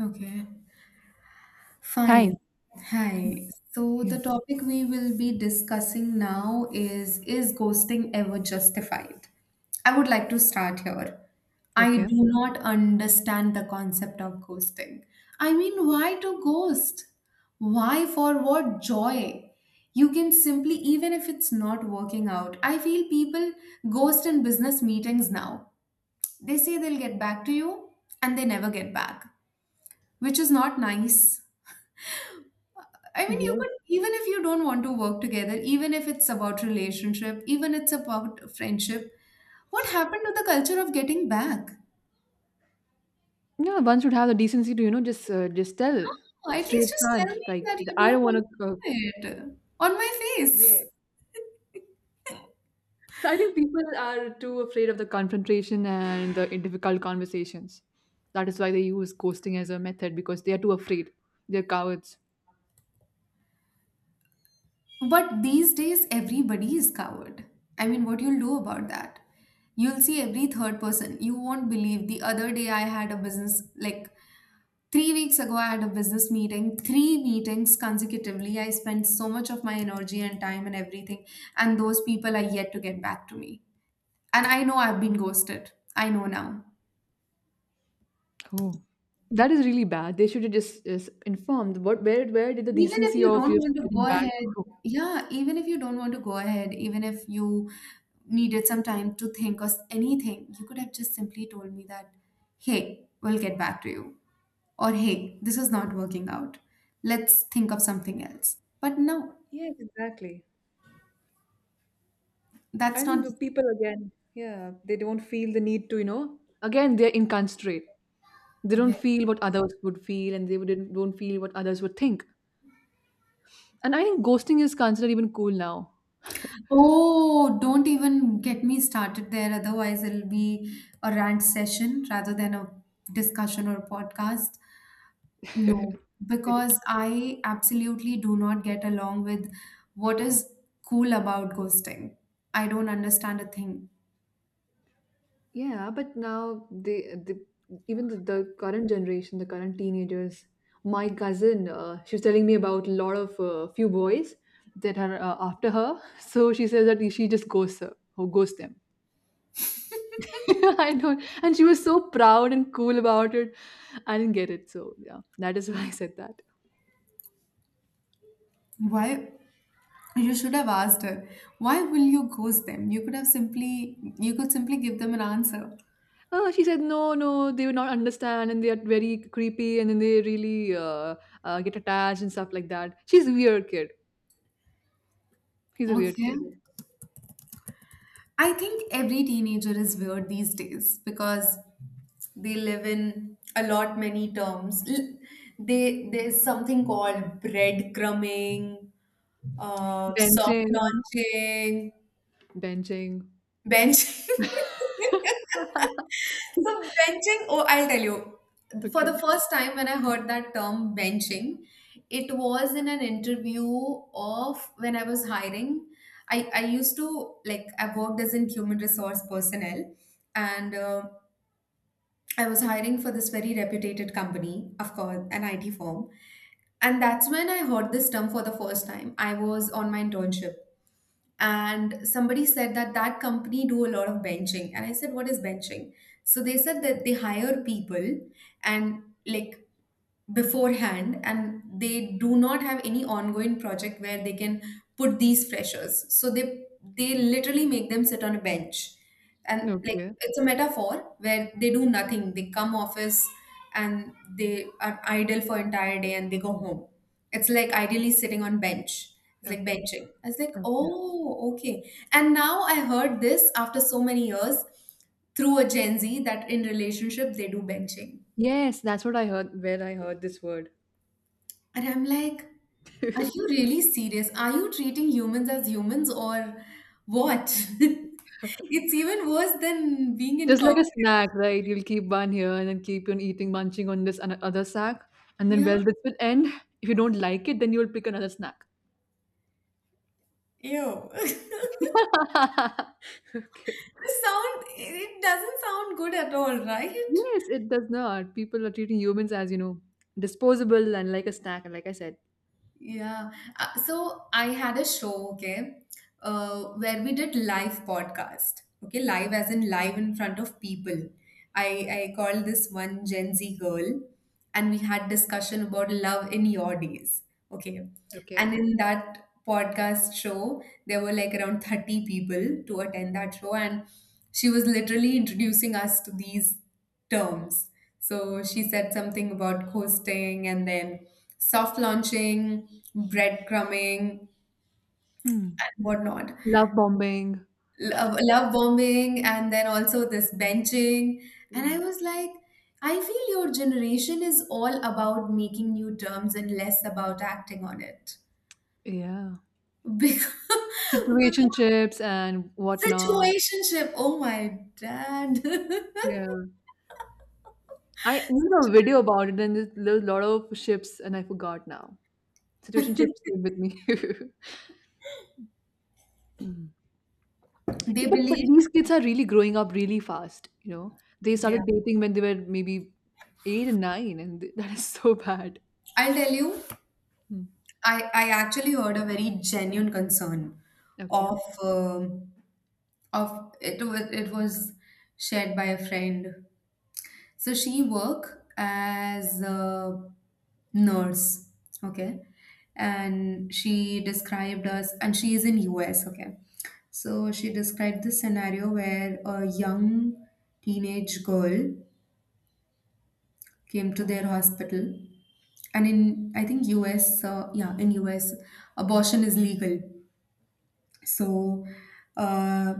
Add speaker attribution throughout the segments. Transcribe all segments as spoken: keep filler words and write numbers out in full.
Speaker 1: Okay,
Speaker 2: Hi.
Speaker 1: fine. Hi. So
Speaker 2: Yeah.
Speaker 1: the topic we will be discussing now is is ghosting ever justified? I would like to start here. I do
Speaker 2: Okay.
Speaker 1: not understand the concept of ghosting. I mean, why to ghost? Why for what joy? You can simply, even if it's not working out, I feel people ghost in business meetings now. They say they'll get back to you and they never get back, which is not nice. I mean, you
Speaker 2: Yes.
Speaker 1: could, even if you don't want to work together, even if it's about relationship, even it's about friendship. What happened to the culture of getting back?
Speaker 2: No, one should have the decency to, you know, just uh, just tell
Speaker 1: Oh, at least
Speaker 2: straight
Speaker 1: just tell
Speaker 2: front.
Speaker 1: me
Speaker 2: Like,
Speaker 1: that you
Speaker 2: the, I
Speaker 1: don't
Speaker 2: don't want
Speaker 1: want
Speaker 2: to. Uh,
Speaker 1: to do it on my face.
Speaker 2: yeah. I think people are too afraid of the confrontation and the difficult conversations. That is why they use ghosting as a method because they are too afraid. They're cowards.
Speaker 1: But these days, everybody is coward. I mean, what you'll do about that? You'll see every third person. You won't believe. The other day, I had a business like. Three weeks ago, I had a business meeting, three meetings consecutively. I spent so much of my energy and time and everything, and those people are yet to get back to me. And I know I've been ghosted. I know now.
Speaker 2: Oh, that is really bad. They should have just, just informed. What, where, where did the
Speaker 1: Even if
Speaker 2: decency
Speaker 1: you
Speaker 2: of
Speaker 1: don't
Speaker 2: just
Speaker 1: want to
Speaker 2: getting
Speaker 1: go
Speaker 2: back?
Speaker 1: ahead, yeah, even if you don't want to go ahead, even if you needed some time to think or s- anything, you could have just simply told me that, hey, we'll get back to you. Or hey, this is not working out. Let's think of something else. But no,
Speaker 2: Yes, exactly. I
Speaker 1: that's
Speaker 2: think
Speaker 1: not.
Speaker 2: the people, again, yeah, they don't feel the need to, you know, again, they're inconsiderate. They don't feel what others would feel and they wouldn't, don't feel what others would think. And I think ghosting is considered even cool now.
Speaker 1: Oh, don't even get me started there. Otherwise, it'll be a rant session rather than a discussion or a podcast. No, because I absolutely do not get along with what is cool about ghosting. I don't understand a thing.
Speaker 2: Yeah, but now they, they even the, the current generation, the current teenagers, my cousin, uh, she was telling me about a lot of uh, few boys that are uh, after her. So she says that she just ghosts her, or ghosts them. I don't. And she was so proud and cool about it. I didn't get it. So, yeah, that is why I said that.
Speaker 1: Why? You should have asked her, why will you ghost them? You could have simply, you could simply give them an answer.
Speaker 2: Oh, she said, no, no, they would not understand and they are very creepy and then they really uh, uh, get attached and stuff like that. She's a weird kid. She's a weird
Speaker 1: Okay.
Speaker 2: kid.
Speaker 1: I think every teenager is weird these days because they live in a lot many terms. L- They there's something called breadcrumbing, uh, soft
Speaker 2: Benching,
Speaker 1: launching,
Speaker 2: benching.
Speaker 1: bench. So benching, oh, I'll tell you. For
Speaker 2: Okay.
Speaker 1: the first time when I heard that term benching, it was in an interview of when I was hiring. I, I used to like I worked as in human resource personnel and uh, I was hiring for this very reputed company, of course, an I T firm. And that's when I heard this term for the first time. I was on my internship and somebody said that that company do a lot of benching and I said what is benching, so they said that they hire people and like beforehand and they do not have any ongoing project where they can put these freshers. So they they literally make them sit on a bench, and like
Speaker 2: Okay.
Speaker 1: it's a metaphor where they do nothing, they come office and they are idle for entire day and they go home. It's like ideally sitting on bench, it's like
Speaker 2: Okay.
Speaker 1: benching. I was like,
Speaker 2: Okay.
Speaker 1: oh okay. And now I heard this after so many years through a Gen Z that in relationship they do benching.
Speaker 2: Yes, that's what I heard, where I heard this word.
Speaker 1: And I'm like, are you really serious? Are you treating humans as humans or what? It's even worse than being in
Speaker 2: Just like
Speaker 1: corporate.
Speaker 2: a snack, right? You'll keep one here and then keep on eating, munching on this ano- other snack, and then
Speaker 1: Yeah.
Speaker 2: well, this will end. If you don't like it, then you'll pick another snack.
Speaker 1: Ew.
Speaker 2: Okay.
Speaker 1: The sound, it doesn't sound good at all, right?
Speaker 2: Yes, it does not. People are treating humans, as you know disposable and like a snack, like I said.
Speaker 1: Yeah. Uh, so I had a show, okay, uh, where we did live podcast. Okay, live as in live in front of people. I I called this one Gen Z girl, and we had discussion about love in your days. Okay,
Speaker 2: Okay.
Speaker 1: and in that podcast show, there were like around thirty people to attend that show, and she was literally introducing us to these terms. So she said something about ghosting and then soft launching, breadcrumbing,
Speaker 2: Hmm.
Speaker 1: and whatnot,
Speaker 2: Love bombing,
Speaker 1: love, love bombing, and then also this benching. And I
Speaker 2: mm,
Speaker 1: was like, I feel your generation is all about making new terms and less about acting on it.
Speaker 2: yeah,
Speaker 1: Because, because
Speaker 2: situationships and whatnot.
Speaker 1: situationship, oh my dad.
Speaker 2: Yeah, I even a video about it, and there's a lot of ships, and I forgot now. Situationships stayed with me. Yeah,
Speaker 1: They
Speaker 2: but but
Speaker 1: believe,
Speaker 2: these kids are really growing up really fast, you know. They
Speaker 1: yeah.
Speaker 2: started dating when they were maybe eight and nine, and th- that is so bad.
Speaker 1: I'll tell you.
Speaker 2: Hmm.
Speaker 1: I, I actually heard a very genuine concern
Speaker 2: Okay.
Speaker 1: of um, of it was it was shared by a friend. So she work as a nurse, okay, and she described us, and she is in U S, okay. So she described this scenario where a young teenage girl came to their hospital, and in I think U S, uh, yeah, in U S, abortion is legal. So uh,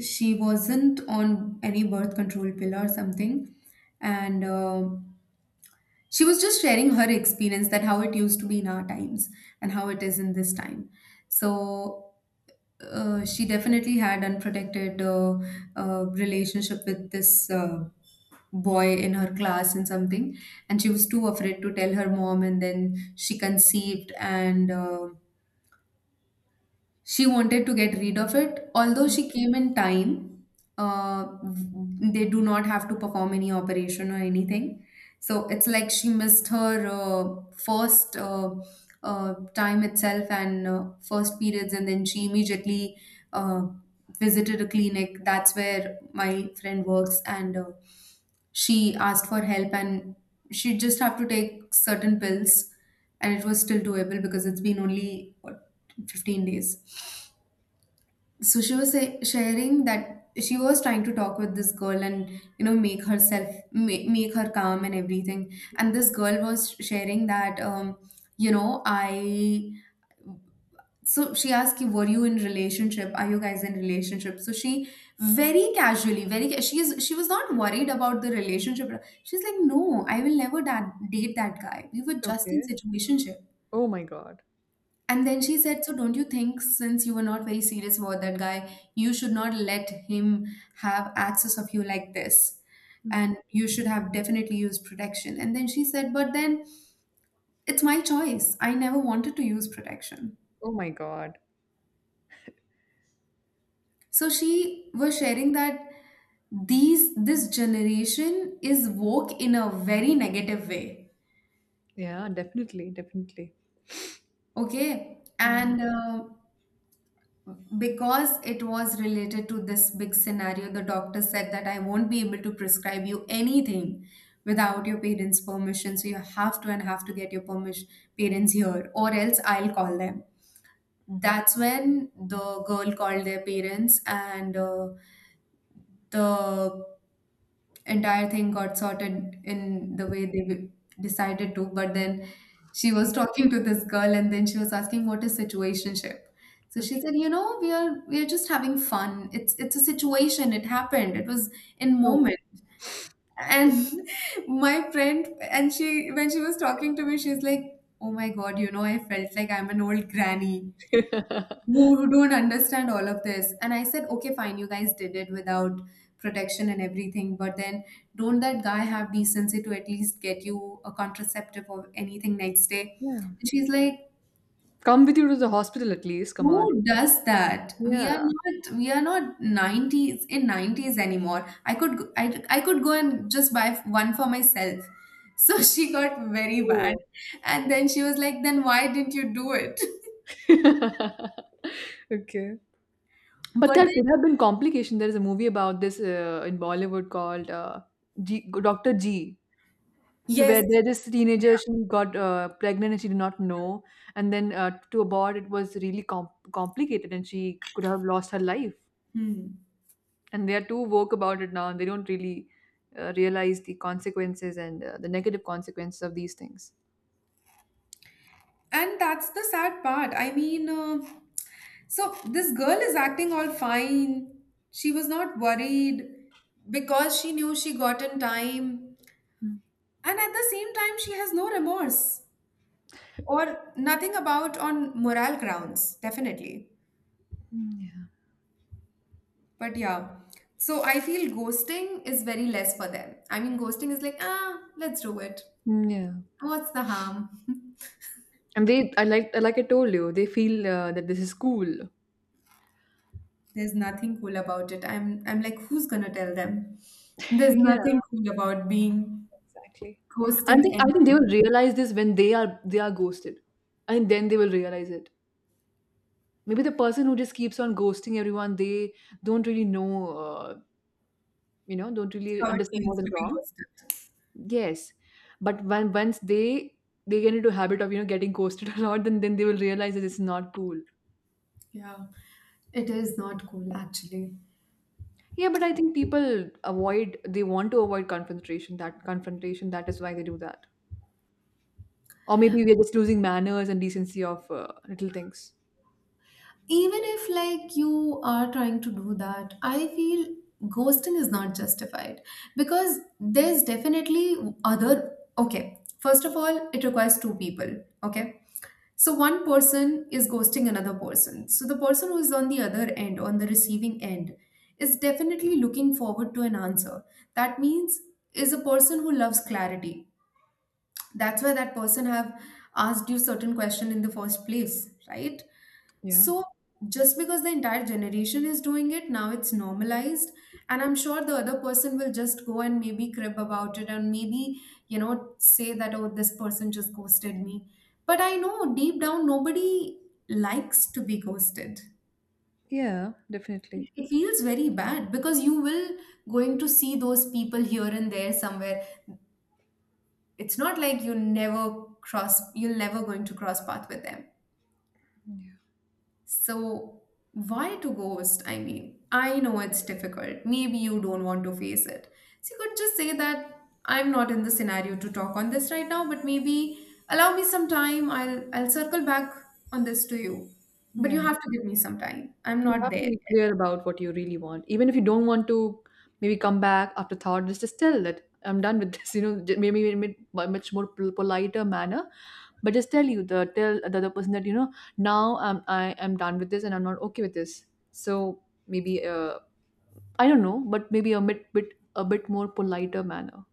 Speaker 1: she wasn't on any birth control pill or something. And uh, she was just sharing her experience that how it used to be in our times and how it is in this time. So uh, she definitely had unprotected uh, uh, relationship with this uh, boy in her class and something. And she was too afraid to tell her mom. And then she conceived and uh, she wanted to get rid of it, although
Speaker 2: Hmm.
Speaker 1: she came in time. Uh, they do not have to perform any operation or anything. So it's like she missed her uh, first uh, uh, time itself and uh, first periods, and then she immediately uh, visited a clinic. That's where my friend works, and uh, she asked for help, and she just have to take certain pills, and it was still doable because it's been only what, fifteen days. So she was say, sharing that she was trying to talk with this girl and you know make herself make, make her calm and everything. And this girl was sharing that um you know i, so she asked, you were you in relationship, are you guys in relationship? So she very casually very ca- she is she was not worried about the relationship, she's like no, I will never da- date that guy, we were just in
Speaker 2: Okay.
Speaker 1: situationship.
Speaker 2: Oh my God.
Speaker 1: And then she said, so don't you think, since you were not very serious about that guy, you should not let him have access of you like this?
Speaker 2: Hmm.
Speaker 1: And you should have definitely used protection. And then she said, but then it's my choice. I never wanted to use protection.
Speaker 2: Oh my God.
Speaker 1: So she was sharing that these this generation is woke in a very negative way,
Speaker 2: Yeah, definitely, definitely.
Speaker 1: okay,
Speaker 2: Yeah.
Speaker 1: and uh, because it was related to this big scenario, the doctor said that I won't be able to prescribe you anything without your parents' permission. So you have to and have to get your permission, parents here, or else I'll call them. That's when the girl called their parents, and uh, the entire thing got sorted in the way they w- decided to. But then she was talking to this girl, and then she was asking, "What is situationship?" So she
Speaker 2: Okay.
Speaker 1: said, "You know, we are we are just having fun. It's it's a situation. It happened. It was in
Speaker 2: Oh my
Speaker 1: moment." And my friend, and she when she was talking to me, she's like, "Oh my God, you know, I felt like I'm an old granny."
Speaker 2: God.
Speaker 1: Who don't understand all of this. And I said, okay, fine, you guys did it without protection and everything, but then don't that guy have decency to at least get you a contraceptive or anything next day?
Speaker 2: Yeah.
Speaker 1: And she's like,
Speaker 2: Come with you to the hospital at least. Come on.
Speaker 1: who does that? We are
Speaker 2: Yeah.
Speaker 1: not we are not nineties in nineties anymore. I could go- I, I could go and just buy one for myself. So she got very mad.
Speaker 2: Oh.
Speaker 1: And then she was like, then why didn't you do it?
Speaker 2: Okay. But
Speaker 1: But
Speaker 2: there could have been complication. There is a movie about this, uh, in Bollywood, called uh, G- doctor G. So
Speaker 1: yes.
Speaker 2: where there this teenager, she got uh, pregnant and she did not know, and then uh, to abort it was really com- complicated, and she could have lost her life.
Speaker 1: Hmm.
Speaker 2: And they are too woke about it now, and they don't really uh, realize the consequences and uh, the negative consequences of these things.
Speaker 1: And that's the sad part. I mean, uh, so this girl is acting all fine. She was not worried because she knew she got in time.
Speaker 2: Mm.
Speaker 1: And at the same time, she has no remorse or nothing about on moral grounds, definitely.
Speaker 2: Mm, yeah.
Speaker 1: But yeah, so I feel ghosting is very less for them. I mean, ghosting is like, ah, let's do it.
Speaker 2: Mm, yeah.
Speaker 1: What's the harm?
Speaker 2: And they, I, like, like I told you, they feel uh, that this is cool.
Speaker 1: There's nothing cool about it. I'm I'm like, who's gonna tell them? There's
Speaker 2: Yeah,
Speaker 1: nothing cool about being
Speaker 2: exactly. I
Speaker 1: ghosting.
Speaker 2: think I think they
Speaker 1: Anyone.
Speaker 2: will realize this when they are they are ghosted, I think then they will realize it. Maybe the person who just keeps on ghosting everyone, they don't really know uh, you know don't
Speaker 1: It's
Speaker 2: really
Speaker 1: how it
Speaker 2: understand
Speaker 1: feels
Speaker 2: what is
Speaker 1: to be
Speaker 2: wrong.
Speaker 1: ghosted.
Speaker 2: Yes, but when once they they get into habit of you know getting ghosted a lot, then then they will realize that it's not cool.
Speaker 1: Yeah, it is not cool actually.
Speaker 2: Yeah, but I think people avoid they want to avoid confrontation, that confrontation, that is why they do that. Or maybe we're just losing manners and decency of uh, little things.
Speaker 1: Even if like you are trying to do that, I feel ghosting is not justified because there's definitely other. Okay, first of all, it requires two people. Okay, so one person is ghosting another person. So the person who is on the other end, on the receiving end, is definitely looking forward to an answer. That means is a person who loves clarity. That's why that person have asked you certain question in the first place, right?
Speaker 2: Yeah,
Speaker 1: So just because the entire generation is doing it, now it's normalized. And I'm sure the other person will just go and maybe crib about it and maybe, you know, say that, oh, this person just ghosted me. But I know deep down, nobody likes to be ghosted.
Speaker 2: yeah,
Speaker 1: It
Speaker 2: definitely.
Speaker 1: it feels very bad because you will going to see those people here and there somewhere. It's not like you never cross, you're never going to cross path with them.
Speaker 2: Yeah,
Speaker 1: So, why to ghost? I mean, I know it's difficult. Maybe you don't want to face it. So, you could just say that I'm not in the scenario to talk on this right now, but maybe allow me some time. I'll I'll circle back on this to you. But you
Speaker 2: yeah.
Speaker 1: have to give me some time. I'm
Speaker 2: You
Speaker 1: not
Speaker 2: have to
Speaker 1: there.
Speaker 2: be clear about what you really want. Even if you don't want to, maybe come back after thought, just, just tell that I'm done with this, you know, j- maybe in a much more pol- politer manner. But just tell you the tell the other person that, you know, now I'm I am done with this and I'm not okay with this. So maybe uh I don't know, but maybe a bit bit a bit more politer manner.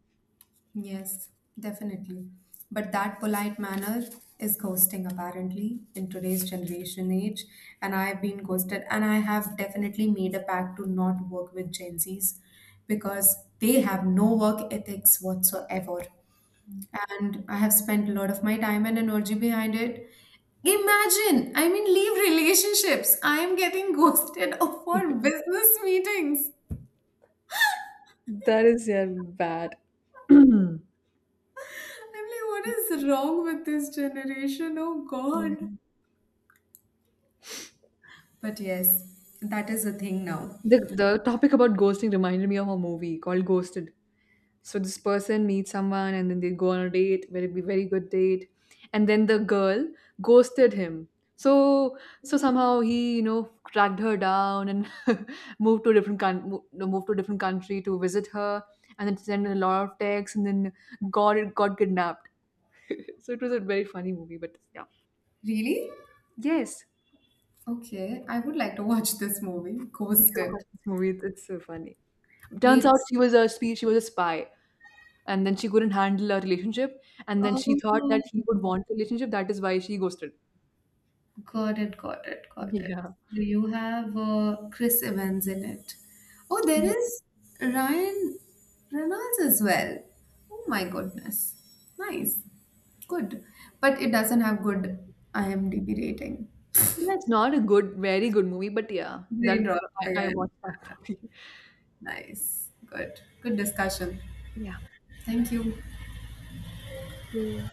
Speaker 1: Yes, definitely. But that polite manner is ghosting, apparently, in today's generation age. And I've been ghosted, and I have definitely made a pact to not work with Gen Zs because they have no work ethics whatsoever. And I have spent a lot of my time and energy behind it. Imagine, I mean, leave relationships. I am getting ghosted for business meetings.
Speaker 2: That is, yeah, bad.
Speaker 1: I'm like, what is wrong with this generation? Oh
Speaker 2: Yeah.
Speaker 1: God. But yes, that is a thing now.
Speaker 2: the the topic about ghosting reminded me of a movie called Ghosted. So this person meets someone and then they go on a date, very be very good date, and then the girl ghosted him. So, so somehow he you know tracked her down and moved to a different con- mo- no, moved to a different country to visit her, and then sent a lot of texts, and then got got kidnapped. So it was a very funny movie, but yeah.
Speaker 1: Really?
Speaker 2: Yes,
Speaker 1: Okay, I would like to watch this movie, Ghosted.
Speaker 2: this movie, it's so funny. Turns out
Speaker 1: It's
Speaker 2: she was a spe- she was a spy, and then she couldn't handle a relationship, and then she thought
Speaker 1: oh,
Speaker 2: that he would want a relationship, that is why she ghosted.
Speaker 1: got it, got it, got it.
Speaker 2: Yeah.
Speaker 1: So you have uh, Chris Evans in it. Oh, there
Speaker 2: Yeah.
Speaker 1: is Ryan Reynolds as well. Oh my goodness, nice, good. But it doesn't have good I M D b rating.
Speaker 2: Yeah, it's not a good very good movie, but yeah,
Speaker 1: Brain
Speaker 2: that
Speaker 1: rot
Speaker 2: I I
Speaker 1: again.
Speaker 2: watched that movie.
Speaker 1: Nice, good, good discussion.
Speaker 2: Yeah.
Speaker 1: Thank you.
Speaker 2: You